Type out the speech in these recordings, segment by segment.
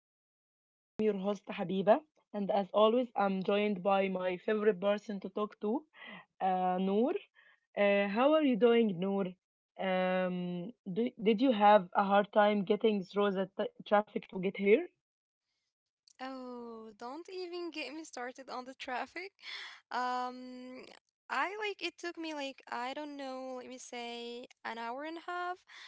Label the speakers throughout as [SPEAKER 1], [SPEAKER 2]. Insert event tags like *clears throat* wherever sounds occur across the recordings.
[SPEAKER 1] Digital Bubble. I am your host Habiba, and as always, I'm joined by my favorite person to talk to, Noor. How are you doing, Noor? Did you have a hard time getting through the traffic to get here?
[SPEAKER 2] Oh, don't even get me started on the traffic. *laughs* Um, I like it took me like I don't know, let me say an hour and a half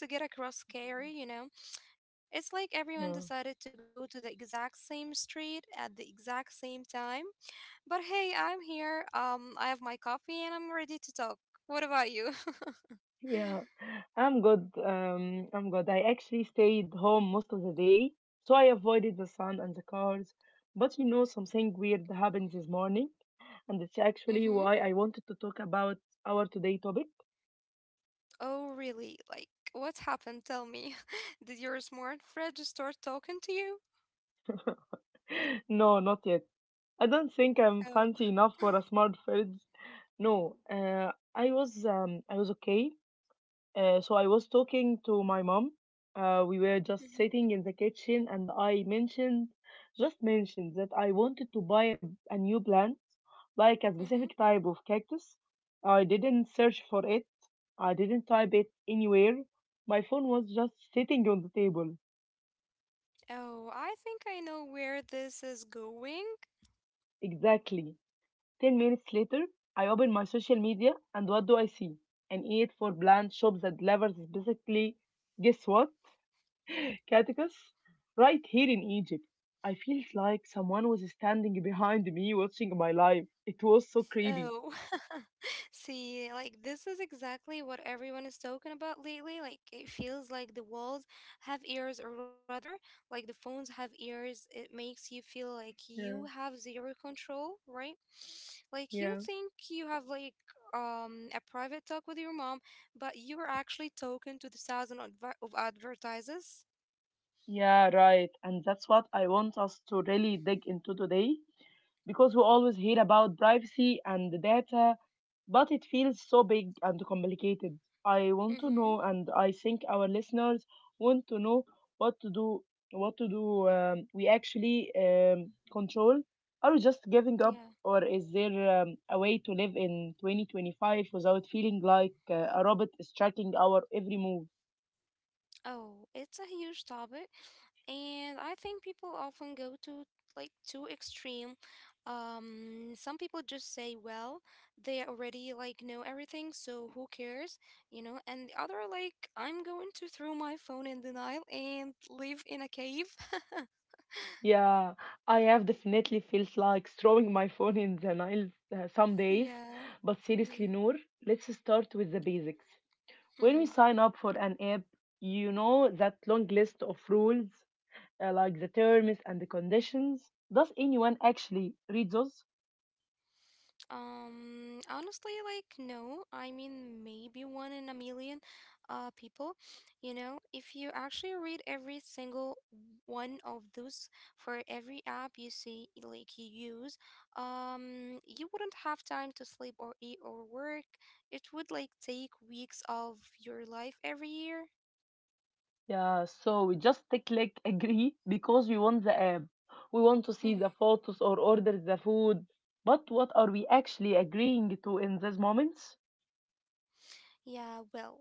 [SPEAKER 2] just to get across Cary. *sniffs* It's like everyone
[SPEAKER 1] Yeah.
[SPEAKER 2] decided to go to the exact same street at the exact same time. But hey, I'm here. I have my coffee and I'm ready to talk. What about you? *laughs*
[SPEAKER 1] Yeah, I'm good. I'm good. I actually stayed home most of the day, so I avoided the sun and the cars. But you know, something weird happened this morning, and it's actually
[SPEAKER 2] Mm-hmm.
[SPEAKER 1] why I wanted to talk about our today topic.
[SPEAKER 2] Oh, really? Like, what happened? Tell me. *laughs* Did your smart Fred just start talking to you?
[SPEAKER 1] *gasps* *laughs* No, not yet. I don't think I'm
[SPEAKER 2] Oh.
[SPEAKER 1] fancy enough for a smart fridge. No, I was okay. So I was talking to my mom. We were just
[SPEAKER 2] *laughs*
[SPEAKER 1] sitting in the kitchen, and I mentioned, just mentioned that I wanted to buy a new plant, like a specific
[SPEAKER 2] Mhm.
[SPEAKER 1] type of cactus. I didn't search for it. I didn't type it anywhere. My phone was just sitting on the table.
[SPEAKER 2] Oh, I think I know where this is going.
[SPEAKER 1] Exactly. 10 minutes later, I open my social media and what do I see? An ad for bland shop that delivers basically, guess what? Catechus? Right here in Egypt. I felt like someone was standing behind me watching my life. It was so creepy.
[SPEAKER 2] Oh, *laughs* see, like this is exactly what everyone is talking about lately. Like it feels like the walls have ears, or rather, like the phones have ears. It makes you feel like you
[SPEAKER 1] Yeah,
[SPEAKER 2] have zero control, right? Like you think
[SPEAKER 1] yeah.
[SPEAKER 2] you have a private talk with your mom, but you are actually talking to the thousand of advertisers.
[SPEAKER 1] Yeah, right. And that's what I want us to really dig into today because we always hear about privacy and the data, but it feels so big and complicated. I want to
[SPEAKER 2] Mhm.
[SPEAKER 1] know, and I think our listeners want to know what to do, what to do. We actually control. Are we just giving
[SPEAKER 2] Yeah.
[SPEAKER 1] up, or is there a way to live in 2025 without feeling like a robot is tracking our every move?
[SPEAKER 2] Oh, it's a huge topic, and I think people often go to like too extreme. Some people just say, well, they already like know everything, so who cares, you know? And the other are like, I'm going to throw my phone in the Nile and live in a cave. *laughs*
[SPEAKER 1] Yeah, I have definitely feels like throwing my phone in the Nile some days.
[SPEAKER 2] Yeah.
[SPEAKER 1] But
[SPEAKER 2] Mm,
[SPEAKER 1] seriously, Noor, let's start with the basics. When we
[SPEAKER 2] mm-hmm.
[SPEAKER 1] sign up for an app, you know that long list of rules, like the terms and the conditions. Does anyone actually read those?
[SPEAKER 2] Honestly, like, no. I mean, maybe one in a million people. You know, if you actually read every single one of those for every app you see, like you use, you wouldn't have time to sleep or eat or work. It would like take weeks of your life every year.
[SPEAKER 1] Yeah, so we just click *laughs* agree because we want the app. We want to see the
[SPEAKER 2] Mm-hmm.
[SPEAKER 1] photos or order the food. But what are we actually agreeing to in these moments?
[SPEAKER 2] Yeah, well,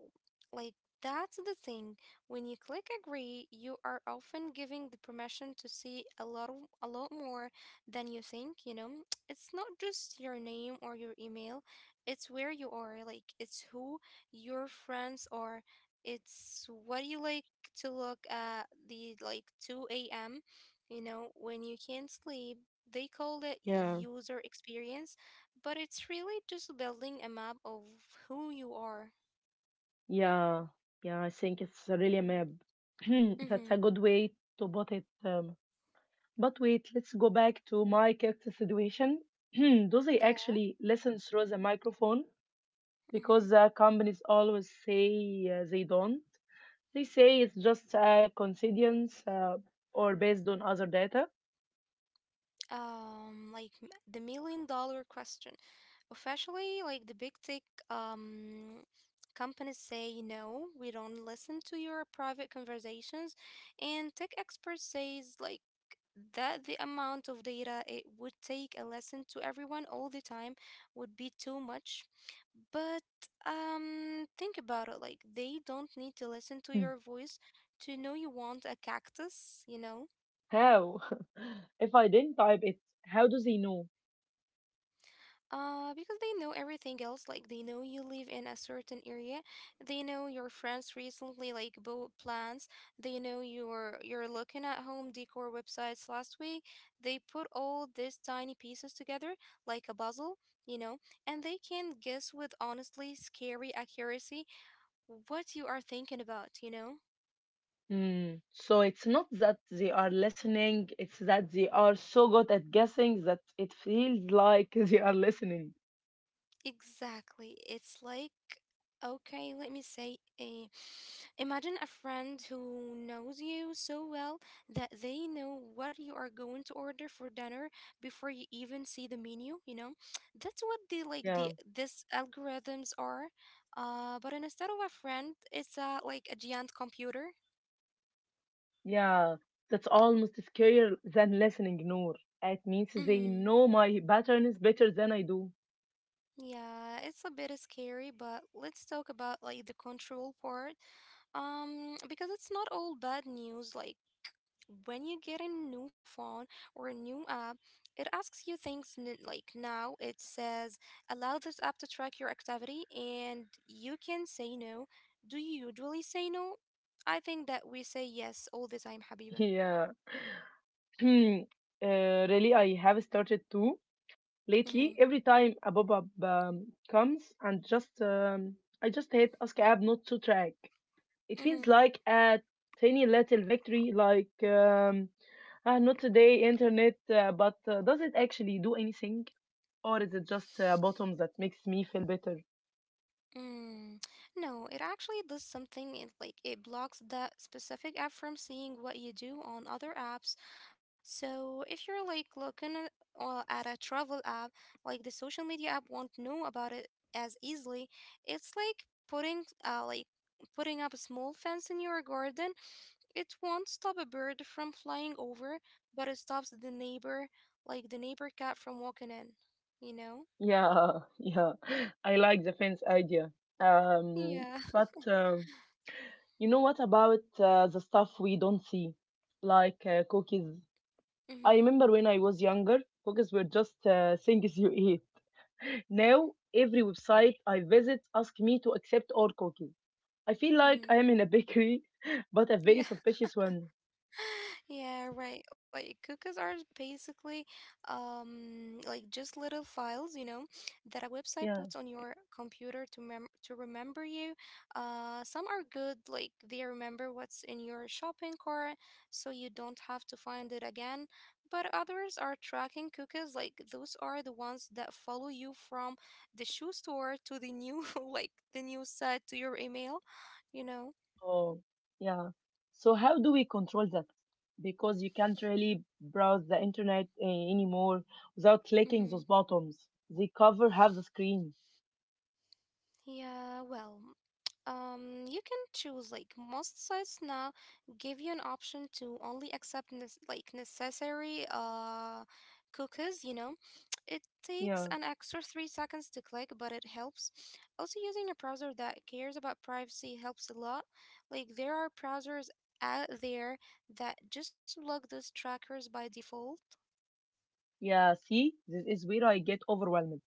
[SPEAKER 2] like that's the thing. When you click agree, you are often giving the permission to see a lot more than you think, you know? *tsk* It's not just your name or your email, it's where you are, like it's who your friends are. It's what you like to look at the like 2 a.m., you know, when you can't sleep. They call it
[SPEAKER 1] Yeah.
[SPEAKER 2] user experience, but it's really just building a map of who you are.
[SPEAKER 1] Yeah, yeah, I think it's really a map. *clears throat* That's
[SPEAKER 2] Mm-hmm.
[SPEAKER 1] a good way to put it. But wait, let's go back to my character situation. *clears throat* Do they
[SPEAKER 2] Yeah.
[SPEAKER 1] actually listen through the microphone?
[SPEAKER 2] Mm-hmm.
[SPEAKER 1] Because the companies always say they don't. They say it's just a coincidence or based on other data.
[SPEAKER 2] The million dollar question. Officially, like the big tech um companies say no, we don't listen to your private conversations, and tech experts says like that the amount of data it would take a lesson to everyone all the time would be too much. But think about it, like they don't need to listen to
[SPEAKER 1] Hmm.
[SPEAKER 2] your voice to know you want a cactus, you know?
[SPEAKER 1] How? *laughs* If I didn't type it, how do they know?
[SPEAKER 2] Because they know everything else. Like they know you live in a certain area. They know your friends recently like bought plans. They know you're looking at home decor websites last week. They put all these tiny pieces together like a puzzle, you know, and they can guess with honestly scary accuracy what you are thinking about, you know?
[SPEAKER 1] Mm. So it's not that they are listening, it's that they are so good at guessing that it feels like *laughs* they are listening.
[SPEAKER 2] Exactly. It's like, okay, let me say, a. imagine a friend who knows you so well that they know what you are going to order for dinner before you even see the menu, you know? *tsk* That's what the like
[SPEAKER 1] Yeah,
[SPEAKER 2] the this algorithms are. But instead of a friend, it's like a giant computer.
[SPEAKER 1] yeah. That's almost scarier than listening, Noor. It means they
[SPEAKER 2] Mm-hmm.
[SPEAKER 1] know my patterns better than I do.
[SPEAKER 2] Yeah, it's a bit scary, but let's talk about like the control part. Because it's not all bad news. Like when you get a new phone or a new app, it asks you like now it says, allow this app to track your activity, and you can say no. Do you usually say no? I think that we say yes all the time, Habiba.
[SPEAKER 1] *laughs* Yeah. *clears throat* Hmm. Really, I have started to
[SPEAKER 2] Mm-hmm.
[SPEAKER 1] lately. Every time a pop-up comes, and just I just hate ask app not to track. It feels
[SPEAKER 2] Mm-hmm.
[SPEAKER 1] like a tiny little victory, ah, not today internet, but does it actually do anything? Or is it just a bottom that makes me feel better?
[SPEAKER 2] Mm, no, it actually does something. It blocks that specific app from seeing what you do on other apps. So if you're like looking at a travel app, like the social media app won't know about it as easily. It's like putting uh like putting up a small fence in your garden. It won't stop a bird from flying over, but it stops the neighbor cat from walking in, you know?
[SPEAKER 1] Yeah, *laughs* yeah, I like the fence idea. Um,
[SPEAKER 2] Yeah. *laughs*
[SPEAKER 1] but you know what about the stuff we don't see, like cookies? I
[SPEAKER 2] Mm-hmm.
[SPEAKER 1] remember when I was younger, cookies were just things *laughs* you eat. Now, every website I visit asks me to accept all cookies. I feel like I
[SPEAKER 2] Mm-hmm.
[SPEAKER 1] am in a bakery, *laughs* but a very
[SPEAKER 2] Yeah.
[SPEAKER 1] suspicious one.
[SPEAKER 2] Yeah, right. Like cookies are basically just little files, you know, that a website
[SPEAKER 1] Yeah.
[SPEAKER 2] puts on your computer to mem to remember you. Some are good, like they remember what's in your shopping cart, so you don't have to find it again. But others are tracking cookies, like those are the ones that follow you from the shoe store to the new *laughs* like the new site to your email, you know.
[SPEAKER 1] Oh, yeah. So how do we control that? Because you can't really browse the internet anymore without clicking those
[SPEAKER 2] Mm-hmm.
[SPEAKER 1] buttons. They cover half the screen.
[SPEAKER 2] Yeah, well, you can choose, like most sites now give you an option to only accept necessary cookies, you know. It takes an
[SPEAKER 1] Yeah.
[SPEAKER 2] extra 3 seconds to click, but it helps. Also, using a browser that cares about privacy helps a lot. Like there are browsers out there that just block those trackers by default.
[SPEAKER 1] Yeah. See, this is where I get overwhelmed.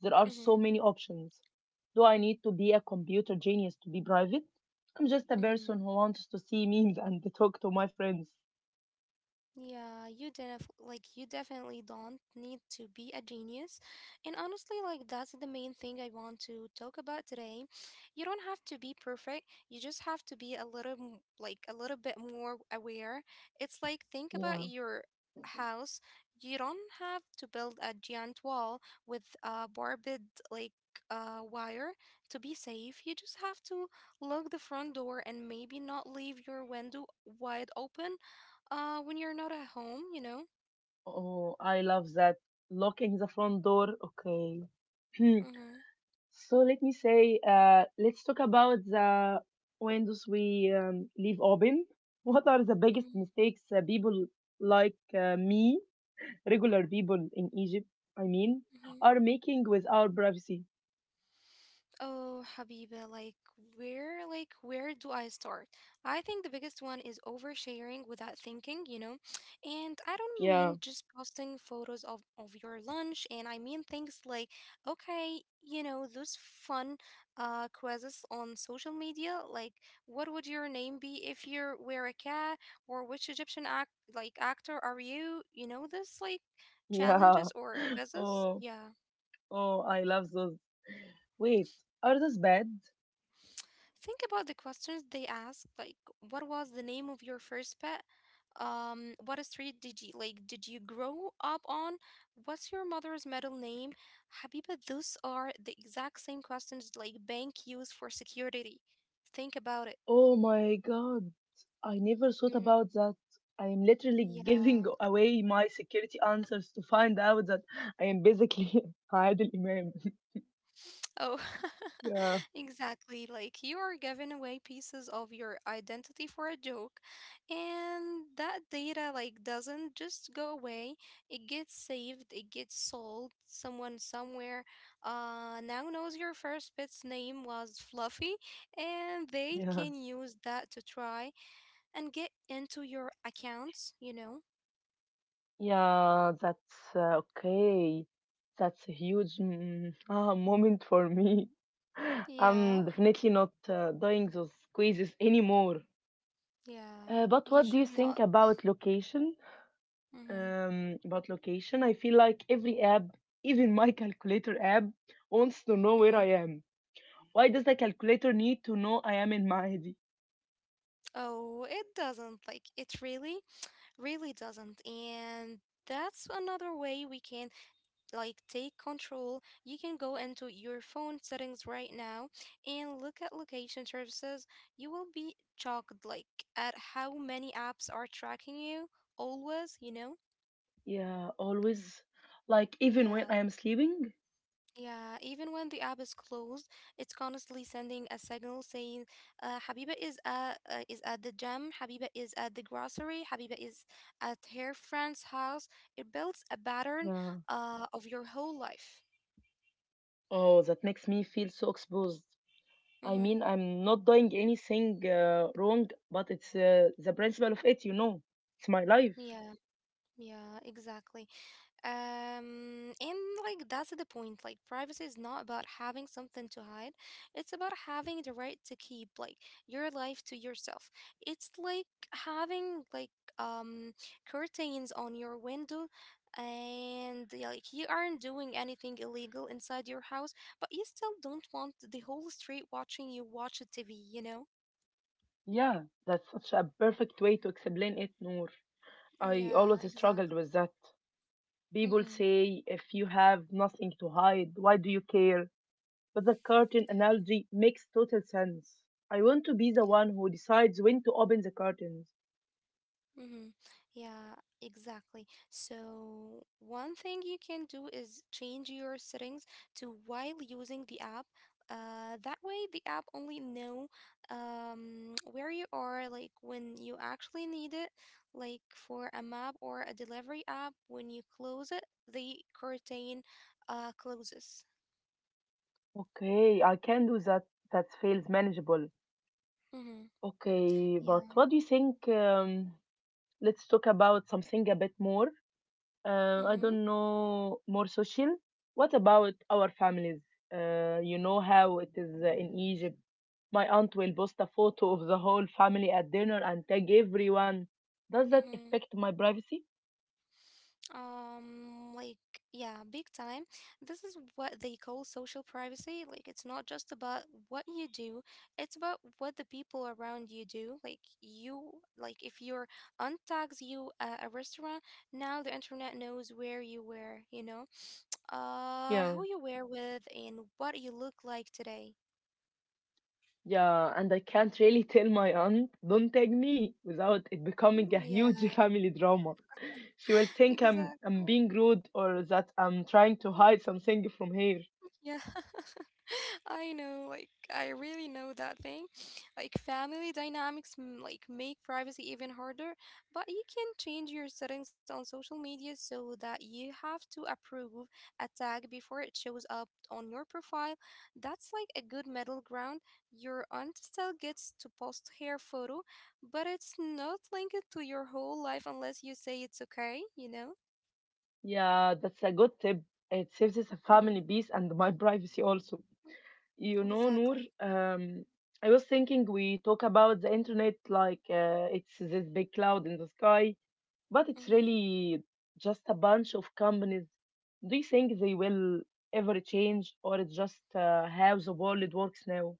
[SPEAKER 1] There are
[SPEAKER 2] Mhm.
[SPEAKER 1] so many options. Do I need to be a computer genius to be private? I'm just a
[SPEAKER 2] Mhm.
[SPEAKER 1] person who wants to see memes and *laughs* to talk to my friends.
[SPEAKER 2] Yeah, you definitely don't need to be a genius. And honestly, like that's the main thing I want to talk about today. You don't have to be perfect. You just have to be a little bit more aware. It's like think about
[SPEAKER 1] Yeah.
[SPEAKER 2] your house. You don't have to build a giant wall with a barbed wire to be safe. You just have to lock the front door and maybe not leave your window wide open when you're not at home, you know?
[SPEAKER 1] Oh, I love that. Locking the front door. Okay. *clears throat*
[SPEAKER 2] Mm-hmm.
[SPEAKER 1] Let's talk about the windows we leave open. *laughs* What are the biggest
[SPEAKER 2] Mm-hmm.
[SPEAKER 1] mistakes people like me, regular people in Egypt, I mean,
[SPEAKER 2] Mm-hmm.
[SPEAKER 1] are making with our privacy?
[SPEAKER 2] Oh, Habiba, where do I start? I think the biggest one is oversharing without thinking, you know. And I don't
[SPEAKER 1] Yeah.
[SPEAKER 2] mean just posting photos of your lunch, and I mean things like, okay, you know, those fun quizzes on social media, like what would your name be if you were a cat, or which Egyptian actor are you? You know, this like challenges
[SPEAKER 1] Yeah.
[SPEAKER 2] or
[SPEAKER 1] *laughs*
[SPEAKER 2] quizzes,
[SPEAKER 1] Oh,
[SPEAKER 2] yeah.
[SPEAKER 1] oh, I love those. Wait, are those bad?
[SPEAKER 2] Think about the questions they ask, like what was the name of your first pet? What street did you grow up on? What's your mother's middle name? Habiba, those are the exact same questions like bank use for security. Think about it.
[SPEAKER 1] Oh my God. I never thought
[SPEAKER 2] Hmm.
[SPEAKER 1] about that. I am literally *laughs*
[SPEAKER 2] Yeah.
[SPEAKER 1] giving away my security answers to find out that I am basically *laughs* Adil Imam. *laughs*
[SPEAKER 2] Oh, *laughs*
[SPEAKER 1] Yeah,
[SPEAKER 2] exactly. Like you are giving away pieces of your identity for a joke, and that data like doesn't just go away. It gets saved, it gets sold. Someone somewhere now knows your first pet's name was Fluffy, and they
[SPEAKER 1] yeah,
[SPEAKER 2] can use that to try and get into your accounts, you know?
[SPEAKER 1] yeah. That's okay. That's a huge mm, *laughs* ah, moment for me. *laughs*
[SPEAKER 2] Yeah.
[SPEAKER 1] I'm definitely not doing those quizzes anymore.
[SPEAKER 2] Yeah.
[SPEAKER 1] But
[SPEAKER 2] You
[SPEAKER 1] what do you
[SPEAKER 2] should
[SPEAKER 1] think
[SPEAKER 2] not.
[SPEAKER 1] about location?
[SPEAKER 2] Mm-hmm.
[SPEAKER 1] I feel like every app, even my *laughs* calculator app, wants to know where
[SPEAKER 2] Mm-hmm.
[SPEAKER 1] I am. Why does the calculator need to know I am in Maadi?
[SPEAKER 2] Oh, it doesn't, like it really doesn't. And that's another way we can like take control. You can go into your phone settings right now and look at location services. You will be shocked like at how many apps are tracking you always, you know.
[SPEAKER 1] Yeah, always. Like, even when
[SPEAKER 2] Yeah.
[SPEAKER 1] I am sleeping?
[SPEAKER 2] Yeah, even when the app is closed, it's constantly sending a signal saying, Habiba is at, is at the gym, Habiba is at the grocery, Habiba is at her friend's house. It builds a pattern
[SPEAKER 1] Yeah.
[SPEAKER 2] of your whole life.
[SPEAKER 1] Oh, that makes me feel so exposed. I
[SPEAKER 2] Mm-hmm.
[SPEAKER 1] mean, I'm not doing anything wrong, but it's the principle of it, you know. It's my life.
[SPEAKER 2] Yeah, yeah, exactly. And like That's the point. Like privacy is not about having something to hide. It's about having the right to keep like your life to yourself. It's like having um curtains on your window, and yeah, like you aren't doing anything illegal inside your house, but you still don't want the whole street watching you watch a TV, you know?
[SPEAKER 1] Yeah, that's such a perfect way to explain it, Noor. I always
[SPEAKER 2] Yeah,
[SPEAKER 1] struggled
[SPEAKER 2] exactly.
[SPEAKER 1] with that. People
[SPEAKER 2] Mm-hmm.
[SPEAKER 1] say if you have nothing to hide, why do you care? But the curtain
[SPEAKER 2] Yeah.
[SPEAKER 1] analogy makes total sense. I want to be the one
[SPEAKER 2] Yeah.
[SPEAKER 1] who decides when to open the curtains.
[SPEAKER 2] Mm-hmm. Yeah, exactly. So, one thing you can do is change your settings to while using the app. That way, the app only know *tsk* where you are, like when you actually need it, like for a map or a delivery app. When you close it, the curtain closes.
[SPEAKER 1] Okay, I can do that. That feels manageable.
[SPEAKER 2] Mm-hmm.
[SPEAKER 1] Okay,
[SPEAKER 2] Yeah.
[SPEAKER 1] but what do you think? Let's talk about something a bit more I
[SPEAKER 2] Mm-hmm.
[SPEAKER 1] don't know more social. What about our families? You know how it is in Egypt. My aunt will post a photo of the whole family at dinner and tag everyone. Does that
[SPEAKER 2] Mm-hmm.
[SPEAKER 1] affect my privacy?
[SPEAKER 2] Like, yeah, big time. This is what they call social privacy. Like, it's not just about what you do, it's about what the people around you do. If your aunt tags you at a restaurant, now the internet knows where you were, you know,
[SPEAKER 1] Yeah,
[SPEAKER 2] who you were with, and what you look like today.
[SPEAKER 1] yeah, and I can't really *laughs* tell my aunt, don't tag me, without it becoming
[SPEAKER 2] Mm,
[SPEAKER 1] a
[SPEAKER 2] yeah,
[SPEAKER 1] huge *laughs* family drama. She will
[SPEAKER 2] *laughs*
[SPEAKER 1] think I'm
[SPEAKER 2] exactly.
[SPEAKER 1] I'm being rude or that I'm trying to hide something from her.
[SPEAKER 2] Yeah. *laughs* I know, like I really know that thing. Like family dynamics make privacy even harder, but you can change your settings on social media so that you have to approve a tag before it shows up on your profile. That's like a good middle ground. Your aunt still gets to post her photo, but it's not linked to your whole life unless you say it's okay, you know?
[SPEAKER 1] Yeah, that's a good tip. It saves us a
[SPEAKER 2] Mm-hmm.
[SPEAKER 1] family peace and my *laughs* privacy also. You know, Noor,
[SPEAKER 2] Exactly.
[SPEAKER 1] I was thinking we talk about the internet like it's this big cloud in the sky, but it's
[SPEAKER 2] Mm-hmm.
[SPEAKER 1] really just a bunch of companies. Do you think they will ever change, or it's just how the world works now?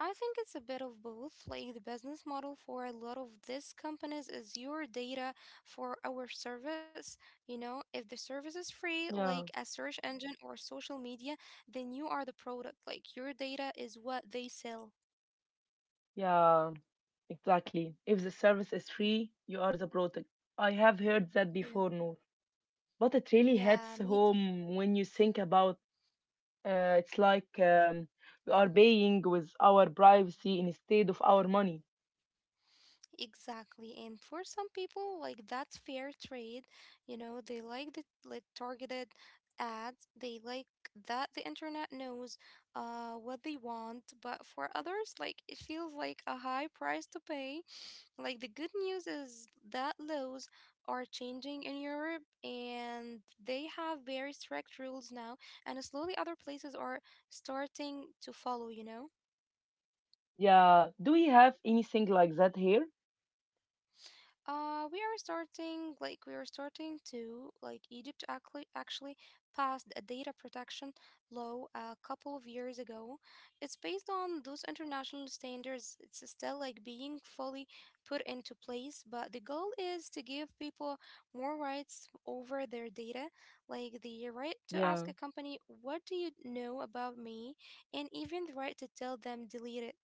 [SPEAKER 2] I think it's a bit of both. Like the business model for a lot of these companies is your data for our service. You know, if the service is free, like a
[SPEAKER 1] Yeah,
[SPEAKER 2] search engine or social media, then you are the product. Like your data is what they sell.
[SPEAKER 1] yeah, exactly. If the service is
[SPEAKER 2] Mhm.
[SPEAKER 1] free, you are the product. I have heard that
[SPEAKER 2] Yeah.
[SPEAKER 1] before, Noor, but it really
[SPEAKER 2] Yeah, me.
[SPEAKER 1] hits home when you think about it's like we are paying with our privacy instead of our money.
[SPEAKER 2] Exactly. And for some people, like that's fair trade. You know, they like the like targeted ads. They like that the internet knows what they want, but for others, like it feels like a high price to pay. Like the good news is that laws are changing in Europe and they have very strict rules now, and slowly other places are starting to follow, you know?
[SPEAKER 1] Yeah, do we have anything like that here?
[SPEAKER 2] We are starting like we are starting to like Egypt actually passed a data protection law a couple of years ago. It's based on those international standards. It's still like being fully put into place, but the goal is to give people more rights over their data, like the right to ask
[SPEAKER 1] Yeah,
[SPEAKER 2] a company, "What do you know about me?" And even the right to tell them delete it.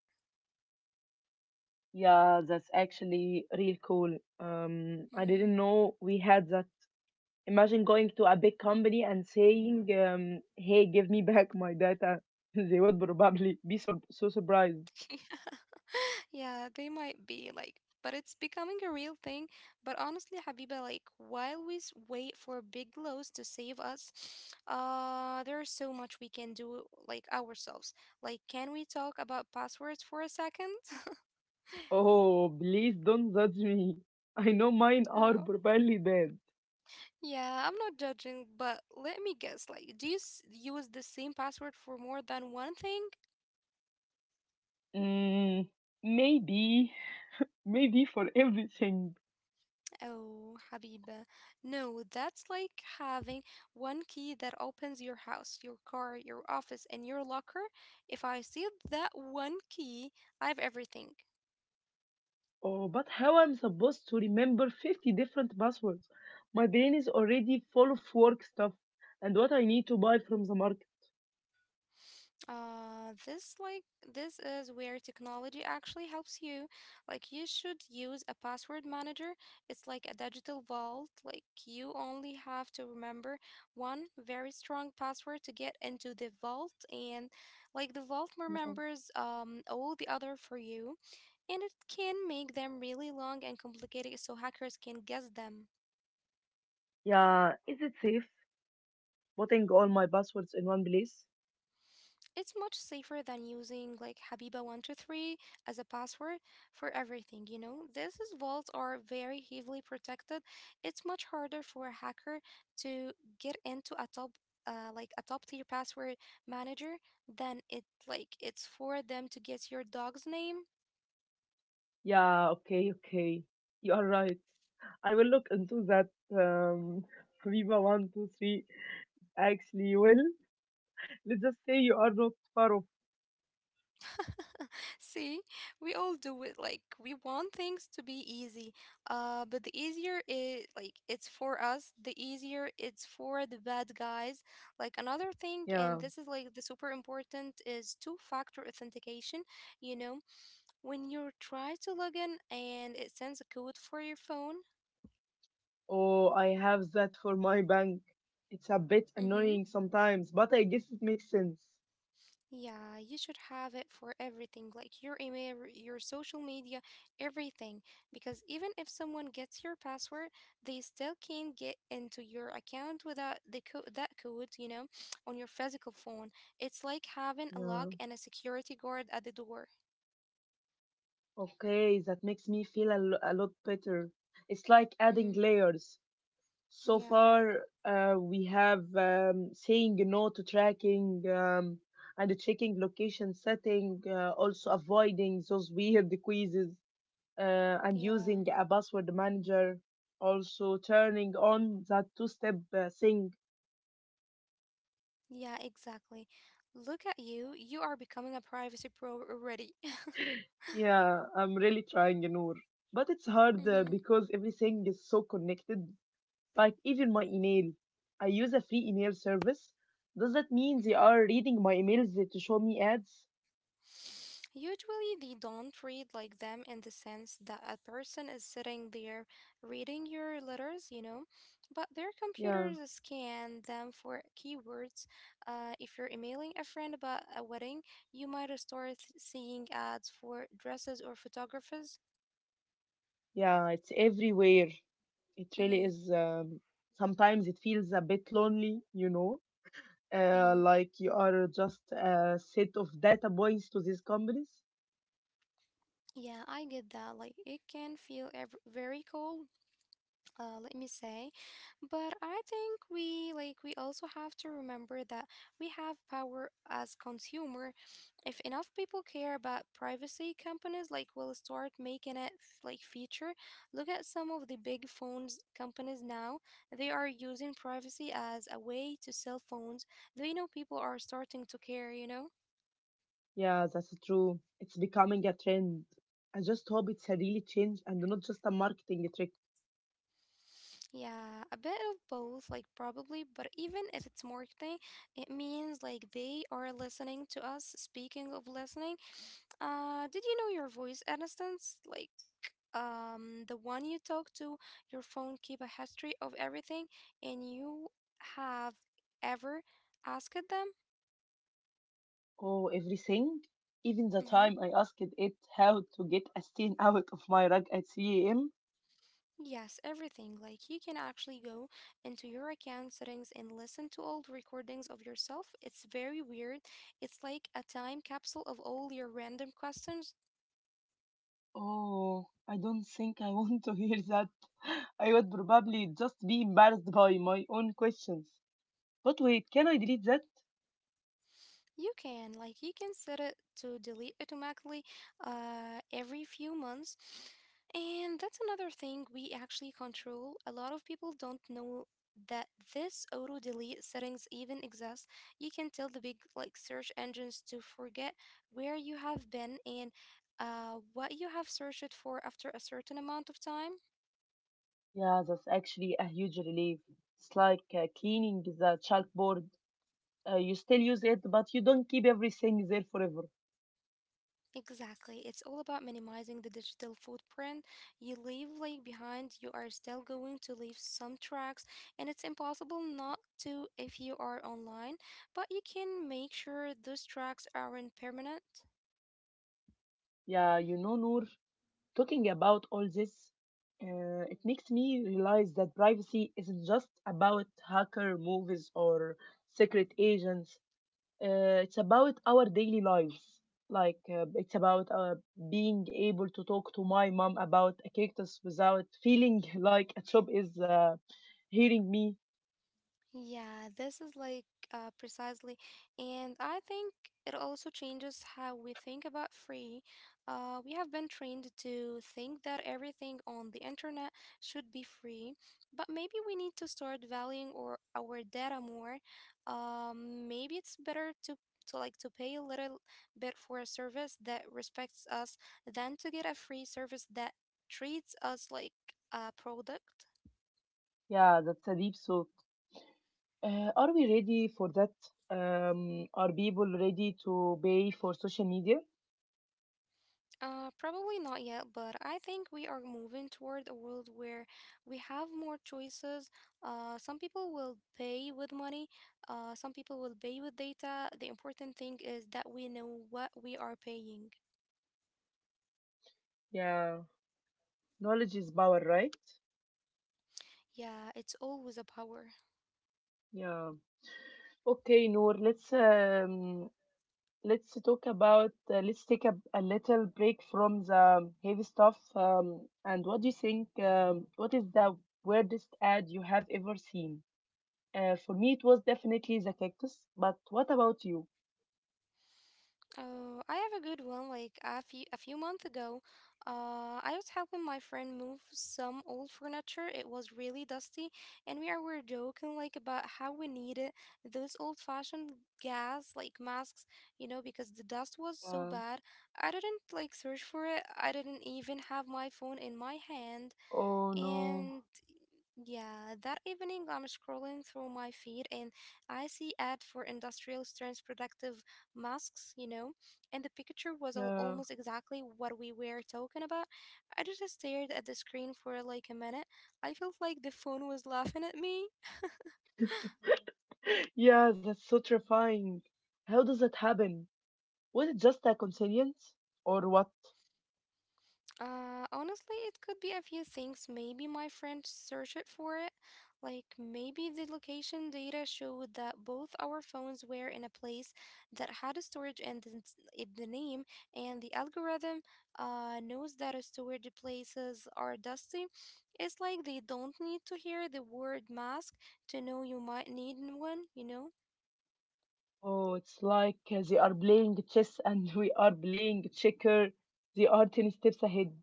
[SPEAKER 1] yeah, that's actually real cool. I
[SPEAKER 2] Mhm.
[SPEAKER 1] didn't know we had that. Imagine going to a big company and saying, "Hey, give me back my data." *laughs* They would probably be so surprised.
[SPEAKER 2] *laughs* Yeah, they might be like, but it's becoming a real thing. But honestly, Habiba, like, while we wait for big lows to save us, *sniffs* there is so much we can do like ourselves. Like, can we talk about passwords for a second? *laughs*
[SPEAKER 1] Oh, please don't judge me. I know mine are
[SPEAKER 2] Oh,
[SPEAKER 1] probably bad.
[SPEAKER 2] yeah, I'm not judging, but let me guess. Like, do you use the same password for more than one thing?
[SPEAKER 1] Mm, maybe, maybe for everything.
[SPEAKER 2] Oh, Habiba. No, that's like having one key that opens your house, your car, your office, and your locker. If I see that one key, I have everything.
[SPEAKER 1] Oh, but how I'm supposed to remember 50 different passwords? My brain is already full of work stuff and what I need to buy from the market.
[SPEAKER 2] Uh, this like this is where technology actually helps you. Like you should use a password manager. It's like a digital vault. Like you only have to remember one very strong password to get into the vault, and like the vault
[SPEAKER 1] Yeah.
[SPEAKER 2] remembers all the other for you, and it can make them really long and complicated so hackers can guess them.
[SPEAKER 1] Yeah, is it safe putting all my passwords in one place?
[SPEAKER 2] It's much safer than using like Habiba123 as a password for everything, you know? These vaults are very heavily protected. It's much harder for a hacker to get into a top like a top tier password manager than it's for them to get your dog's name.
[SPEAKER 1] Yeah, okay, okay. You are right. I will look into that. Um, *laughs* Habiba 123. Actually, well, let's just say you are not far off.
[SPEAKER 2] *laughs* See, we all do it. Like we want things to be easy, but the easier it's for us, the easier it's for the bad guys. Like another thing, and
[SPEAKER 1] Yeah.
[SPEAKER 2] this is like the super important is two-factor authentication. You know, when you try to log in and it sends a code for your phone.
[SPEAKER 1] Oh, I have that for my bank. It's a bit
[SPEAKER 2] Mm-hmm.
[SPEAKER 1] annoying sometimes, but I guess it makes sense.
[SPEAKER 2] Yeah, you should have it for everything, like your email, your social media, everything. Because even if someone gets your password, they still can't get into your account without the that code, you know, *sniffs* on your physical phone. It's like having a
[SPEAKER 1] Yeah.
[SPEAKER 2] lock and a security guard at the door.
[SPEAKER 1] Okay, that makes me feel a, a lot better. It's like adding
[SPEAKER 2] Hmm.
[SPEAKER 1] layers. So
[SPEAKER 2] Yeah,
[SPEAKER 1] far, we have saying no to tracking and checking location setting, also avoiding those weird quizzes and
[SPEAKER 2] yeah,
[SPEAKER 1] using a password manager, also turning on that two-step thing.
[SPEAKER 2] yeah, exactly. Look at you. You are becoming a privacy pro already.
[SPEAKER 1] Yeah, I'm really trying, Noor. But it's
[SPEAKER 2] *laughs*
[SPEAKER 1] hard
[SPEAKER 2] Mm-hmm,
[SPEAKER 1] because everything is so connected. Like even my email. I use a free email service. Does that mean they
[SPEAKER 2] mm-hmm.
[SPEAKER 1] are reading my emails to show me ads?
[SPEAKER 2] Usually, they don't read like them in the sense that a person is sitting there reading your letters, you know, but their
[SPEAKER 1] Yeah,
[SPEAKER 2] computers scan them for keywords. If you're emailing a friend about a wedding, you might start seeing ads for dresses or photographers.
[SPEAKER 1] yeah, it's everywhere. It really
[SPEAKER 2] Mm-hmm,
[SPEAKER 1] is. Sometimes it feels a bit lonely, you know,
[SPEAKER 2] mm-hmm.
[SPEAKER 1] like you are just a set of data points to these companies.
[SPEAKER 2] Yeah, I get that. Like, it can feel very cold, let me say. But I think we also have to remember that we have power as consumer. If enough people care about privacy, companies like will start making it like feature. Look at some of the big phones companies now. They are using privacy as a way to sell phones. They know people are starting to care, you know?
[SPEAKER 1] Yeah, that's true. It's becoming a trend. I just hope it's a really change and not just a marketing trick.
[SPEAKER 2] Yeah, a bit of both, like probably, but even if it's marketing, it means like they are listening to us. Speaking of listening, did you know your voice assistants, like the one you talk to, your phone keep a history of everything, and you have ever asked them?
[SPEAKER 1] Oh, everything. Even the
[SPEAKER 2] Mm-hmm.
[SPEAKER 1] time I asked it how to get a stain *laughs* out of my rug at 3 a.m.
[SPEAKER 2] Yes, everything. Like you can actually go into your account settings and listen to old recordings of yourself. It's very weird. It's like a time capsule of all your random questions.
[SPEAKER 1] Oh, I don't think I want to hear that. *laughs* I would probably just be embarrassed by my own questions. But wait, can I delete that?
[SPEAKER 2] You can, like, you can set it to delete automatically, every few months. And that's another thing we actually control. A lot of people don't know that this auto delete settings even exists. You can tell the big like search engines to forget where you have been and what you have searched for after a certain amount of time.
[SPEAKER 1] Yeah, that's actually a huge relief. It's like cleaning the chalkboard. You still use it, but you don't keep everything there forever.
[SPEAKER 2] Exactly. It's all about minimizing the digital footprint you leave like behind. You are still going to leave some tracks and it's impossible not to if you are online, but you can make sure those tracks aren't permanent.
[SPEAKER 1] Yeah, you know, Noor, talking about all this, it makes me realize that privacy isn't just about hacker movies or secret agents. It's about our daily lives. Like, it's about being able to talk to my mom about a cactus without feeling *laughs* like a job is hearing me.
[SPEAKER 2] Yeah, this is like precisely, and I think it also changes how we think about free. We have been trained to think that everything on the internet should be free, but maybe we need to start valuing or our data more. Maybe it's better to pay a little bit for a service that respects us than to get a free service that treats us like a product.
[SPEAKER 1] Yeah, that's a deep thought. Are we ready for that? Are people ready to pay for social media?
[SPEAKER 2] Probably not yet, but I think we are moving toward a world where we have more choices. Some people will pay with money, some people will pay with data. The important thing is that we know what we are paying.
[SPEAKER 1] Yeah, knowledge is power, right?
[SPEAKER 2] Yeah, it's always a power.
[SPEAKER 1] Yeah. Okay, Noor, let's let's talk about let's take a little break from the heavy stuff. And what do you think? What is the weirdest ad you have ever seen? For me, it was definitely the cactus. But what about you?
[SPEAKER 2] Oh, I have a good one. Like a few months ago, I was helping my friend move some old furniture. It was really dusty, and we were joking like about how we needed those old-fashioned gas like masks, you know, because the dust was so
[SPEAKER 1] Yeah.
[SPEAKER 2] bad. I didn't like search for it. I didn't even have my phone in my hand.
[SPEAKER 1] Oh no.
[SPEAKER 2] And yeah, that evening I'm scrolling through my feed and I see ad for industrial strength protective masks, you know, and the picture was
[SPEAKER 1] Yeah.
[SPEAKER 2] almost exactly what we were talking about. I just stared at the screen for like a minute. I felt like the phone was laughing at me.
[SPEAKER 1] Yeah, that's so terrifying. How does that happen? Was it just a coincidence? Or what?
[SPEAKER 2] Honestly, it could be a few things. Maybe my friend searched for it. Like maybe the location data showed that both our phones were in a place that had a storage and the, the name, and the algorithm knows that a storage places are dusty. It's like they don't need to hear the word mask to know you might need one, you know?
[SPEAKER 1] Oh, it's like they are playing chess and *laughs* we are playing checker. They are 10 steps ahead.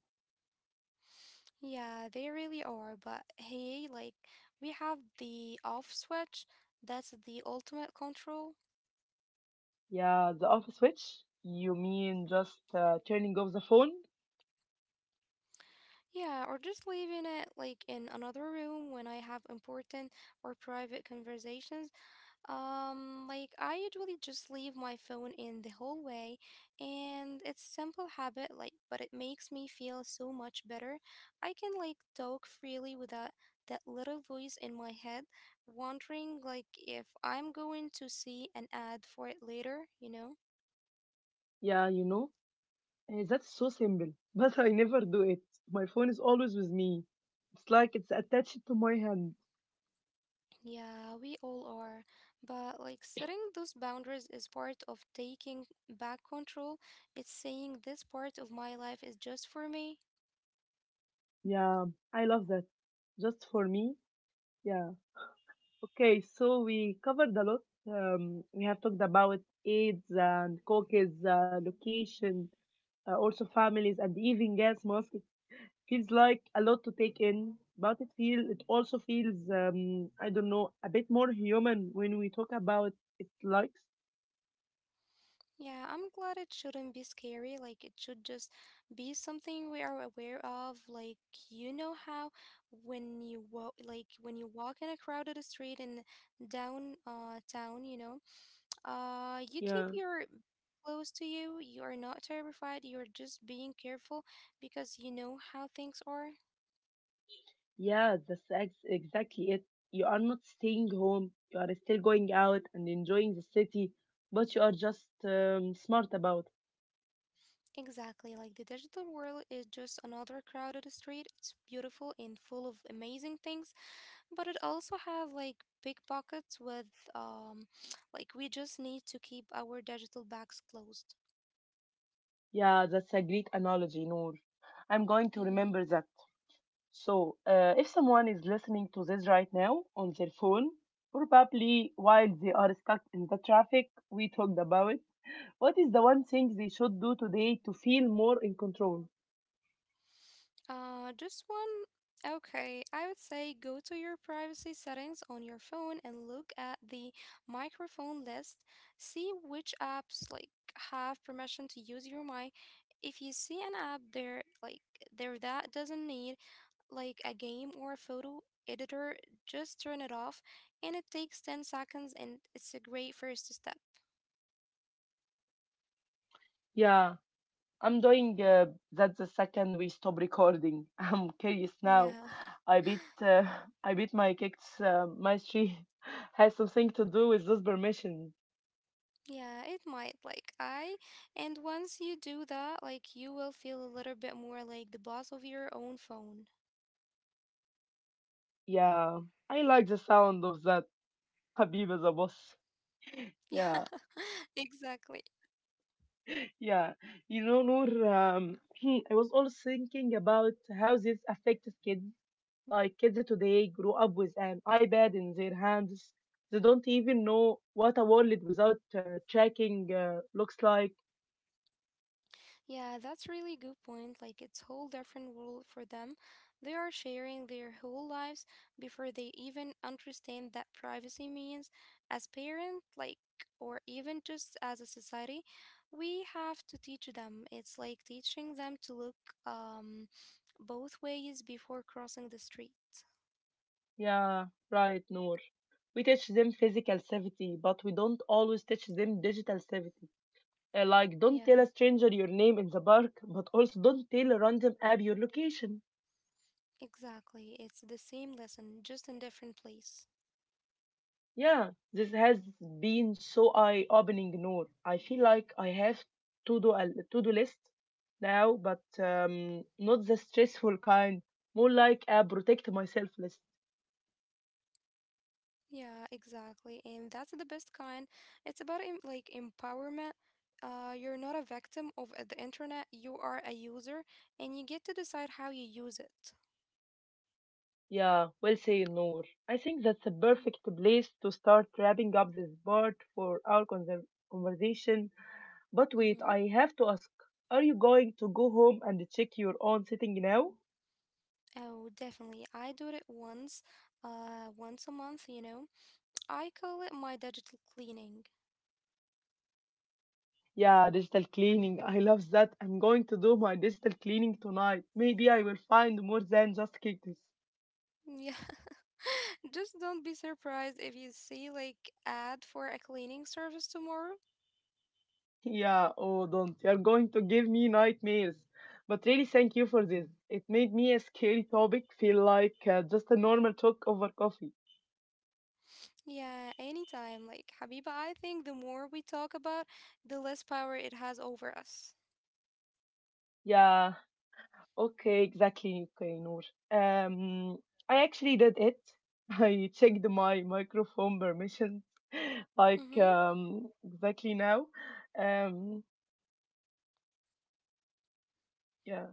[SPEAKER 2] Yeah, they really are. But hey, like we have the off switch. That's the ultimate control.
[SPEAKER 1] Yeah, the off switch? You mean just turning off the phone?
[SPEAKER 2] Yeah, or just leaving it like in another room when I have important or private conversations. Like I usually just leave my phone in the hallway, and it's simple habit like but it makes me feel so much better. I can like talk freely without that little voice in my head wondering like if I'm going to see an ad for it later, you know?
[SPEAKER 1] Yeah, you know, that's so simple. *laughs* But I never do it. My phone is always with me. It's like it's attached to my hand.
[SPEAKER 2] Yeah, we all are. But like setting those boundaries is part of taking back control. It's saying this part of my life is just for me.
[SPEAKER 1] Yeah, I love that. Just for me. Yeah. Okay, so we covered a lot. We have talked about AIDS and cookies, location, also families, and even gas mask. It feels like a lot to take in, but it also feels I don't know, a bit more human when we talk about it likes.
[SPEAKER 2] Yeah, I'm glad it shouldn't be scary. Like it should just be something we are aware of. Like you know how when you walk, like when you walk in a crowded street in downtown, town, you know. You keep
[SPEAKER 1] Yeah,
[SPEAKER 2] your close to you. You are not terrified. You're just being careful because you know how things are.
[SPEAKER 1] yeah, that's exactly it. You are not staying home. You are still going out and enjoying the city, but you are just smart about.
[SPEAKER 2] Exactly. Like the digital world is just another crowded street. It's beautiful and full of amazing things, but it also has like big pockets with um *tsk* like we just need to keep our digital bags closed.
[SPEAKER 1] Yeah, that's a great analogy, Noor. I'm going to
[SPEAKER 2] Mm-hmm.
[SPEAKER 1] remember that. So, if someone is listening to this right now on their phone, probably while they are stuck in the traffic we talked about, what is the one thing they should do today to feel more in control?
[SPEAKER 2] Just one. Okay, I would say go to your privacy settings on your phone and look at the microphone list. See which apps like have permission to use your mic. If you see an app there that doesn't need like a game or a photo editor, just turn it off, and it takes 10 seconds and it's a great first step.
[SPEAKER 1] Yeah, I'm doing that the second we stop recording. *laughs* I'm curious now.
[SPEAKER 2] Yeah.
[SPEAKER 1] I bet *laughs* I bet my kicks mastery *laughs* has something to do with those permissions.
[SPEAKER 2] Yeah, it might. And once you do that, like you will feel a little bit more like the boss of your own phone. *laughs*
[SPEAKER 1] Yeah, I like the sound of that. Habib as a boss.
[SPEAKER 2] Yeah,
[SPEAKER 1] Yeah,
[SPEAKER 2] *laughs* exactly.
[SPEAKER 1] yeah. You know, Noor, *clears throat* I was also thinking about how this affects kids. Like, kids today grow up with an iPad in their hands. They don't even know what a wallet without tracking looks like.
[SPEAKER 2] Yeah, that's really good point. Like it's whole different world for them. They are sharing their whole lives before they even understand that privacy means as parent, like or even just as a society, we have to teach them. It's like teaching them to look um both ways before crossing the street.
[SPEAKER 1] Yeah, right, Noor. We teach them physical safety, but we don't always teach them digital safety. Like, don't
[SPEAKER 2] Yeah,
[SPEAKER 1] tell a stranger your name in the park, but also don't tell a random app your location.
[SPEAKER 2] exactly. It's the same lesson, just in different place.
[SPEAKER 1] Yeah, this has been so eye-opening, Noor. I feel like I have to do a to-do list now, but not the stressful kind. More like a protect myself list.
[SPEAKER 2] Yeah, exactly. And that's the best kind. It's about empowerment. You're not a victim of the internet. You are a user, and you get to decide how you use it.
[SPEAKER 1] Yeah, well said, Noor. I think that's a
[SPEAKER 2] Mm-hmm.
[SPEAKER 1] perfect place to start wrapping up this part for our conversation. But wait,
[SPEAKER 2] Mm-hmm.
[SPEAKER 1] I have to ask: Are you going to go home and check your own setting now?
[SPEAKER 2] Oh, definitely. I do it once, once a month, you know. I call it my digital cleaning.
[SPEAKER 1] Yeah, digital cleaning. I love that. I'm going to do my digital cleaning tonight. Maybe I will find more than just cactus. *laughs*
[SPEAKER 2] Yeah. *laughs* Just don't be surprised if you see like ad for a cleaning service tomorrow.
[SPEAKER 1] Yeah, oh, don't. You're going to give me nightmares. But really, thank you for this. It made me a scary topic feel like just a normal talk over coffee.
[SPEAKER 2] Yeah, anytime. Like, Habiba, I think the more we talk about, the less power it has over us.
[SPEAKER 1] Yeah, okay, exactly, okay, Noor. Um, I actually did it. *laughs* I checked my microphone permissions, *laughs* like
[SPEAKER 2] Mm-hmm.
[SPEAKER 1] exactly now. Um, yeah.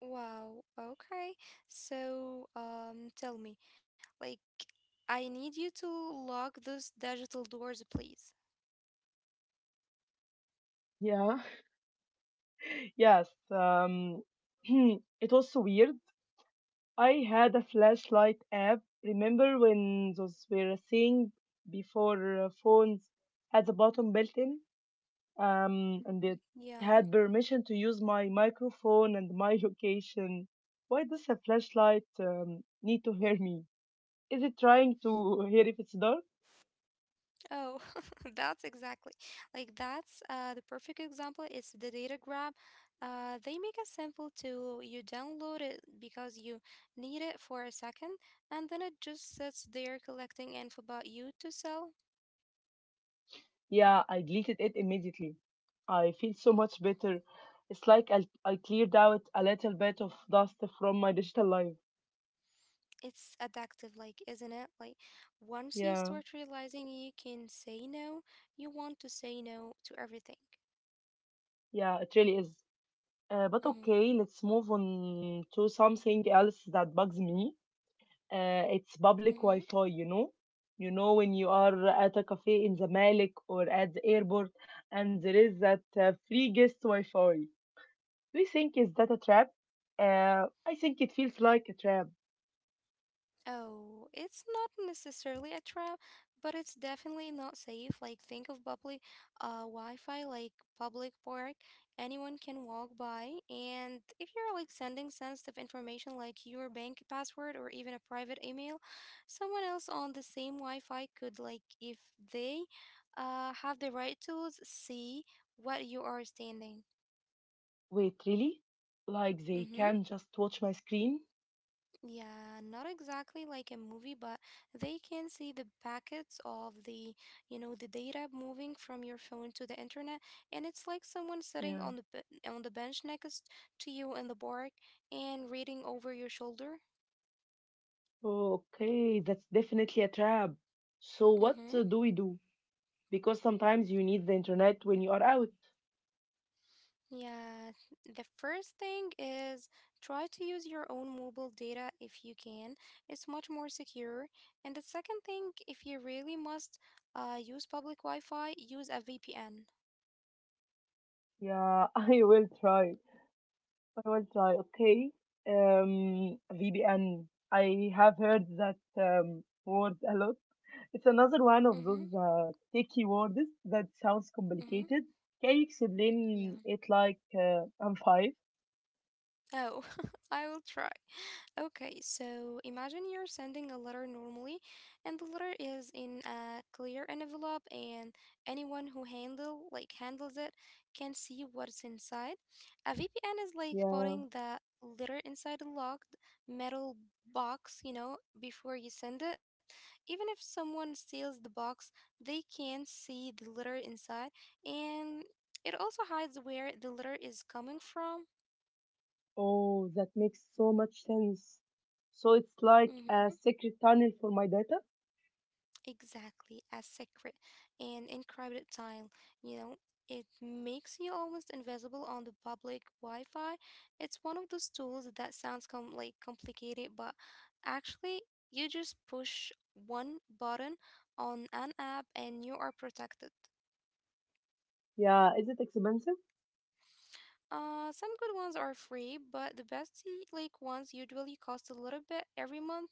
[SPEAKER 2] Wow. Okay. So, tell me, like, I need you to lock those digital doors, please.
[SPEAKER 1] Yeah. Yes, *clears throat* it was so weird. I had a flashlight app. Remember when those were a thing before phones had the bottom built in? And it
[SPEAKER 2] Yeah.
[SPEAKER 1] had permission to use my microphone and my *laughs* location. Why does a flashlight need to hear me? Is it trying to *laughs* hear if it's dark?
[SPEAKER 2] Oh, *laughs* that's exactly like that's the perfect example is the data grab. They make it simple to you download it because you need it for a second, and then it just sits there collecting info about you to sell.
[SPEAKER 1] Yeah, I deleted it immediately. I feel so much better. It's like I cleared out a little bit of dust from my digital life.
[SPEAKER 2] It's addictive, like, isn't it? Like, once you
[SPEAKER 1] Yeah,
[SPEAKER 2] start realizing you can say no, you want to say no to everything.
[SPEAKER 1] yeah, it really is. But
[SPEAKER 2] Mm-hmm,
[SPEAKER 1] okay, let's move on to something else that bugs me. It's public
[SPEAKER 2] mm-hmm.
[SPEAKER 1] Wi-Fi, you know? You know, when you are at a cafe in Zamalek or at the airport and there is that free guest Wi-Fi. Do you think is that a trap? I think it feels like a trap.
[SPEAKER 2] Oh, it's not necessarily a trap, but it's definitely not safe. Like, think of public Wi-Fi, like public park, anyone can walk by. And if you're like sending sensitive information like your bank password or even a private email, someone else on the same Wi-Fi could, like, if they have the right tools, see what you are standing.
[SPEAKER 1] Wait, really? Like they
[SPEAKER 2] Mm-hmm.
[SPEAKER 1] can just watch my screen?
[SPEAKER 2] Yeah, not exactly like a movie, but they can see the packets of the, you know, the data moving from your phone to the internet, and it's like someone sitting
[SPEAKER 1] Yeah.
[SPEAKER 2] on the on the bench next to you in the park and reading over your shoulder.
[SPEAKER 1] Okay, that's definitely a trap. So what
[SPEAKER 2] Mm-hmm.
[SPEAKER 1] do we do? Because sometimes you need the internet when you are out.
[SPEAKER 2] Yeah, the first thing is try to use your own mobile data if you can. It's much more secure. And the second thing, if you really must use public Wi-Fi, use a VPN.
[SPEAKER 1] Yeah, *laughs* I will try. I will try. Okay. VPN. I have heard that word a lot. It's another one of
[SPEAKER 2] Mm-hmm.
[SPEAKER 1] those techie words that sounds
[SPEAKER 2] Mm-hmm.
[SPEAKER 1] complicated. Can you explain
[SPEAKER 2] Yeah.
[SPEAKER 1] it like I'm five?
[SPEAKER 2] Oh, *laughs* I will try. Okay, so imagine you're sending a letter normally, and the letter is in a clear envelope, and anyone who handles it can see what's inside. A VPN is like
[SPEAKER 1] Yeah.
[SPEAKER 2] putting the letter inside a locked metal box, you know, before you send it. Even if someone steals the box, they can see the letter inside, and it also hides where the letter is coming from.
[SPEAKER 1] Oh, that makes so much sense. So it's like
[SPEAKER 2] Mm-hmm.
[SPEAKER 1] a secret tunnel for my data?
[SPEAKER 2] Exactly, as secret and in encrypted tile. You know, it makes you almost invisible on the public Wi-Fi. It's one of those tools that sounds complicated, but actually, you just push one button on an app and you are protected.
[SPEAKER 1] Yeah, is it expensive?
[SPEAKER 2] Some good ones are free, but the best like ones usually cost a little bit every month.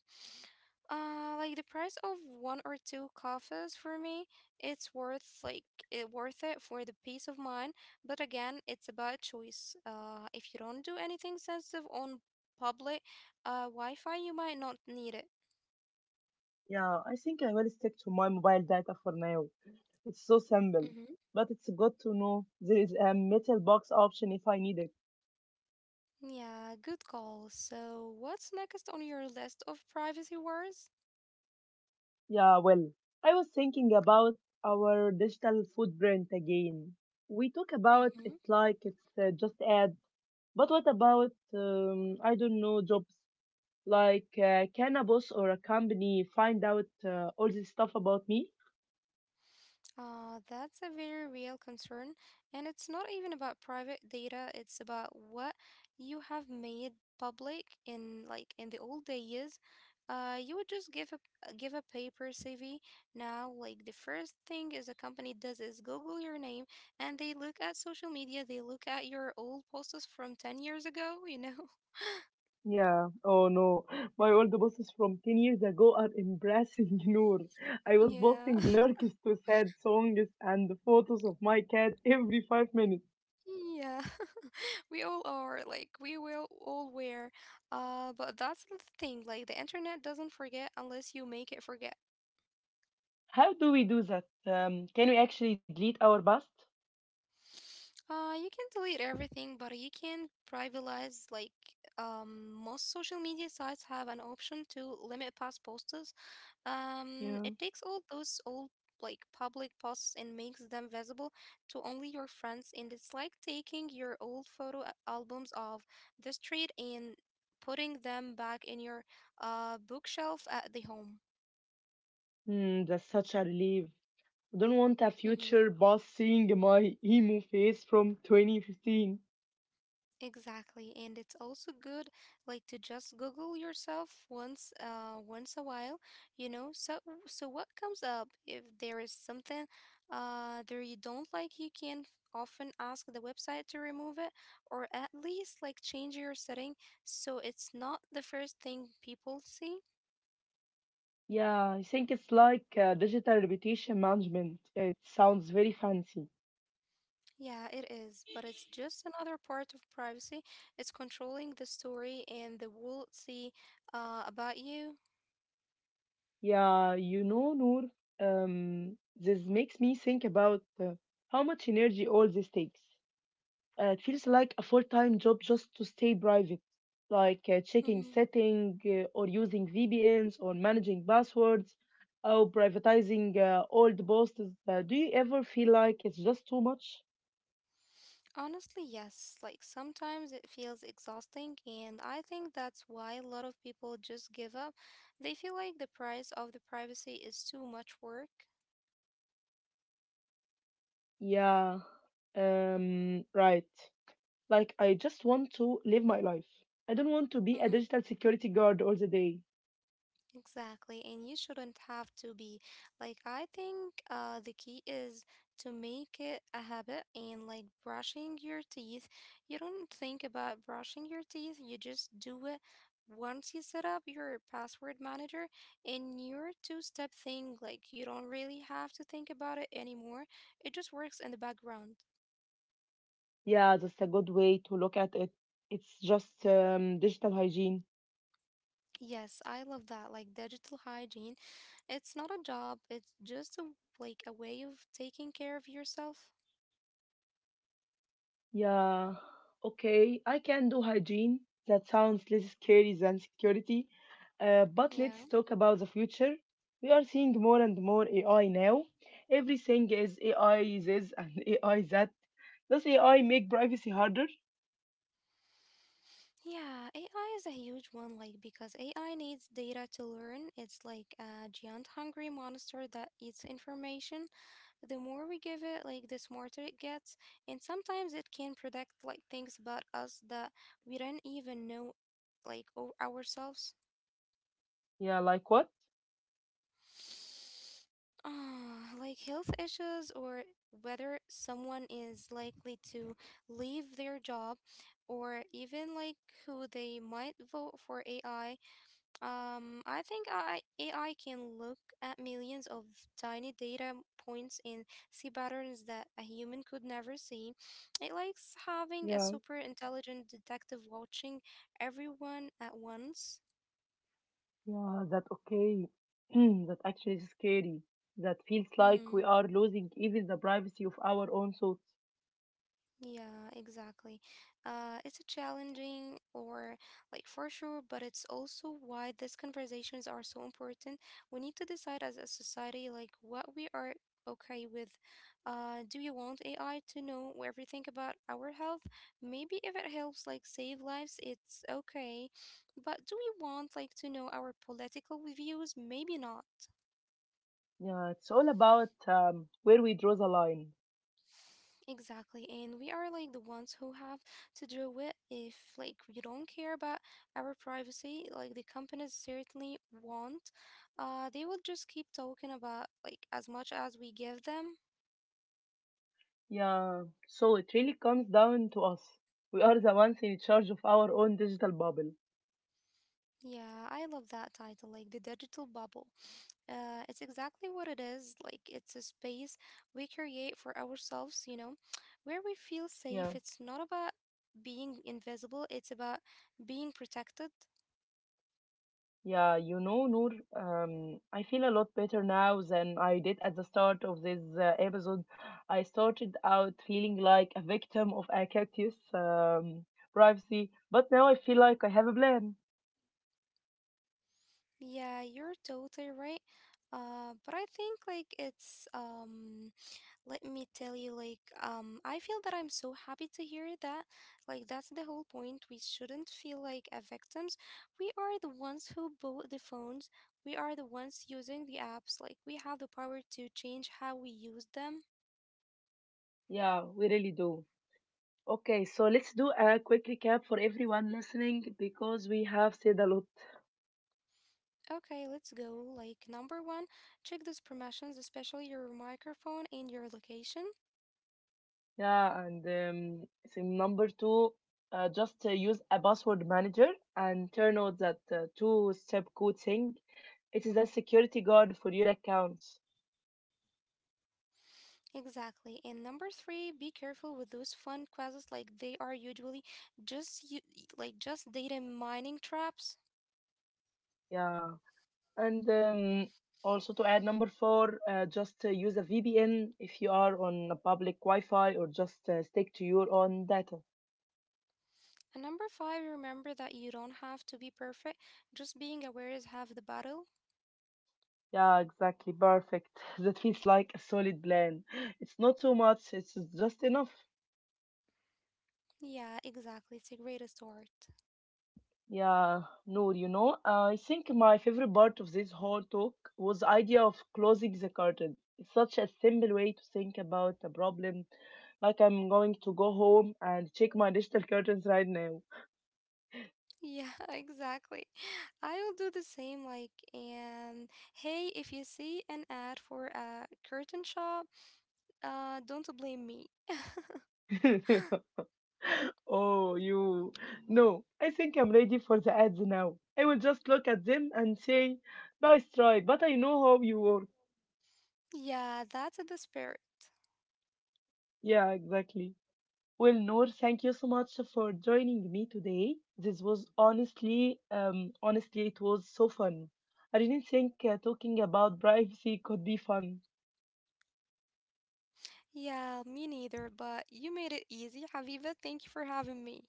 [SPEAKER 2] Like the price of one or two coffees for me, it's worth like it worth it for the peace of mind. But again, it's about choice. If you don't do anything sensitive on public Wi-Fi, you might not need it.
[SPEAKER 1] Yeah, I think I will stick to my mobile data for now. It's so simple.
[SPEAKER 2] Mm-hmm.
[SPEAKER 1] But it's good to know there is a metal box option if I need it.
[SPEAKER 2] Yeah, good call. So, what's next on your list of privacy wars?
[SPEAKER 1] Yeah, well, I was thinking about our digital footprint again. We talk about
[SPEAKER 2] Mm-hmm.
[SPEAKER 1] it like it's just ad, but what about, I don't know, jobs? Like, can a boss or a company find out all this stuff about me?
[SPEAKER 2] That's a very real concern, and it's not even about private data, it's about what you have made public in like in the old days. You would just give a paper CV. Now, like the first thing is a company does is Google your name, and they look at social media, they look at your old posts from 10 years ago, you know? *laughs*
[SPEAKER 1] Yeah, oh no. My old bosses from 10 years ago are embarrassing, *laughs* Noor. I was
[SPEAKER 2] Yeah.
[SPEAKER 1] posting lyrics to sad songs and photos of my cat every 5 minutes.
[SPEAKER 2] *laughs* Yeah. *laughs* We all are like we will all wear. But that's the thing. Like the internet doesn't forget unless you make it forget.
[SPEAKER 1] How do we do that? Can we actually delete our past?
[SPEAKER 2] You can delete everything, but you can privatize like most social media sites have an option to limit past posts.
[SPEAKER 1] Yeah.
[SPEAKER 2] It takes all those old like public posts and makes them visible to only your friends, and it's like taking your old photo albums of the street and putting them back in your bookshelf at the home.
[SPEAKER 1] Hmm, that's such a relief. I don't want a
[SPEAKER 2] Mm-hmm.
[SPEAKER 1] future boss seeing my emo face from 2015.
[SPEAKER 2] Exactly, and it's also good like to just Google yourself once once a while, you know. So what comes up if there is something there you don't like, you can often ask the website to remove it or at least like change your setting so it's not the first thing people see.
[SPEAKER 1] Yeah, I think it's like digital reputation management. It sounds very fancy.
[SPEAKER 2] Yeah, it is, but it's just another part of privacy. It's controlling the story and the world see about you.
[SPEAKER 1] Yeah, you know, Noor, this makes me think about how much energy all this takes. It feels like a full-time job just to stay private, like checking
[SPEAKER 2] Mm-hmm.
[SPEAKER 1] setting or using VPNs or managing passwords or privatizing old posts. Do you ever feel like it's just too much?
[SPEAKER 2] Honestly, yes. Like sometimes it feels exhausting, and I think that's why a lot of people just give up. They feel like the price of the privacy is too much work.
[SPEAKER 1] Yeah, right. Like, I just want to live my life. I don't want to be a
[SPEAKER 2] Mm-hmm.
[SPEAKER 1] digital security guard all the day.
[SPEAKER 2] Exactly, and you shouldn't have to be. Like, I think the key is to make it a habit and like brushing your teeth. You don't think about brushing your teeth, you just do it once you set up your password manager and your two-step thing. Like, you don't really have to think about it anymore, it just works in the background.
[SPEAKER 1] Yeah, that's a good way to look at it. It's just digital hygiene.
[SPEAKER 2] Yes, I love that. Like, digital hygiene, it's not a job, it's just a, like a way of taking care of yourself.
[SPEAKER 1] Yeah, okay, I can do hygiene. That sounds less scary than security. But let's
[SPEAKER 2] Yeah.
[SPEAKER 1] talk about the future. We are seeing more and more AI now. Everything is AI this and *laughs* AI that. Does AI make privacy harder?
[SPEAKER 2] Yeah, AI is a huge one, like because AI needs data to learn. It's like a giant hungry monster that eats information. The more we give it, like the smarter it gets. And sometimes it can predict like things about us that we don't even know like ourselves.
[SPEAKER 1] Yeah, like what?
[SPEAKER 2] Ah, like health issues or whether someone is likely to leave their job or even like who they might vote for AI. AI can look at millions of tiny data points and see patterns that a human could never see. It likes having a
[SPEAKER 1] Yeah.
[SPEAKER 2] super intelligent detective watching everyone at once.
[SPEAKER 1] Yeah, that okay. *clears throat* That actually is scary. That feels
[SPEAKER 2] Mm-hmm.
[SPEAKER 1] like we are losing even the privacy of our own thoughts.
[SPEAKER 2] Yeah, exactly. It's a challenging or like for sure, but it's also why these conversations are so important. We need to decide as a society like what we are okay with. Do you want AI to know everything about our health? Maybe if it helps like save lives, it's okay. But do we want like to know our political views? Maybe not.
[SPEAKER 1] Yeah, it's all about where we draw the line.
[SPEAKER 2] Exactly. And we are like the ones who have to deal with. If like you don't care about our privacy, like the companies certainly won't. They will just keep talking about like as much as we give them.
[SPEAKER 1] Yeah, so it really comes down to us. We are the ones in charge of our own digital bubble.
[SPEAKER 2] Yeah, I love that title, like the digital bubble. It's exactly what it is. Like it's a space we create for ourselves, you know, where we feel
[SPEAKER 1] Yeah.
[SPEAKER 2] safe. It's not about being invisible, it's about being protected.
[SPEAKER 1] Yeah, you know, Noor, I feel a lot better now than I did at the start of this episode. I started out feeling like a victim of a cactus privacy, but now I feel like I have a plan.
[SPEAKER 2] Yeah, you're totally right. But I think like it's let me tell you like I feel that I'm so happy to hear that. Like that's the whole point. We shouldn't feel like a victims. We are the ones who bought the phones. We are the ones using the apps. Like we have the power to change how we use them.
[SPEAKER 1] Yeah, we really do. Okay, so let's do a quick recap for everyone listening because we have said a lot.
[SPEAKER 2] Okay, let's go. Like number one, check those permissions, especially your microphone and your location.
[SPEAKER 1] Yeah, and so number two, just use a password manager and turn off that two-step code thing. It is a security guard for your accounts.
[SPEAKER 2] Exactly. And number three, be careful with those fun quizzes. Like they are usually just you, like just data mining traps.
[SPEAKER 1] Yeah. And also to add number four, just use a VPN if you are on a public Wi-Fi or just stick to your own data.
[SPEAKER 2] And number five, remember that you don't have to be perfect. Just being aware is half the battle.
[SPEAKER 1] Yeah, exactly. Perfect. *laughs* That feels like a solid plan. It's not too much, it's just enough.
[SPEAKER 2] Yeah, exactly. It's a great start.
[SPEAKER 1] Yeah, Noor, you know, I think my favorite part of this whole talk was the idea of closing the curtain. It's such a simple way to think about a problem. Like I'm going to go home and check my digital curtains right now.
[SPEAKER 2] Yeah, *laughs* exactly. I'll do the same. Like, and hey, if you see an ad for a curtain shop, don't blame me.
[SPEAKER 1] *laughs* Oh, you. No, I think I'm ready for the ads now. I will just look at them and say, nice try, but I know how you work.
[SPEAKER 2] Yeah, that's the spirit.
[SPEAKER 1] Yeah, exactly. Well, Noor, thank you so much for joining me today. This was honestly, honestly, it was so fun. I didn't think talking about privacy could be fun.
[SPEAKER 2] Yeah, me neither, but you made it easy, Habiba. Thank you for having me.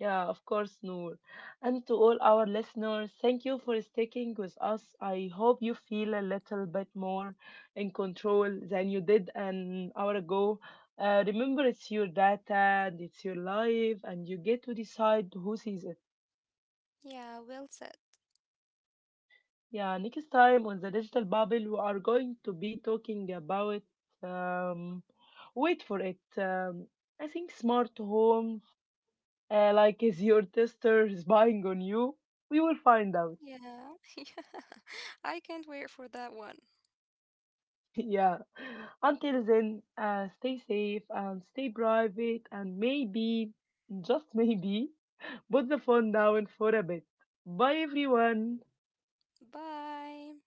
[SPEAKER 1] Yeah, of course, Noor. And to all our listeners, thank you for sticking with us. I hope you feel a little bit more in control than you did an hour ago. Remember, it's your data and it's your life, and you get to decide who sees it.
[SPEAKER 2] Yeah, well said.
[SPEAKER 1] Yeah, next time on The Digital Bubble, we are going to be talking about. Um, wait for it. I think smart home. Like, is your tester spying on you? We will find out.
[SPEAKER 2] Yeah. *laughs* I can't wait for that one.
[SPEAKER 1] *laughs* Yeah. Until then, stay safe and stay private, and maybe, just maybe, put the phone down for a bit. Bye, everyone.
[SPEAKER 2] Bye.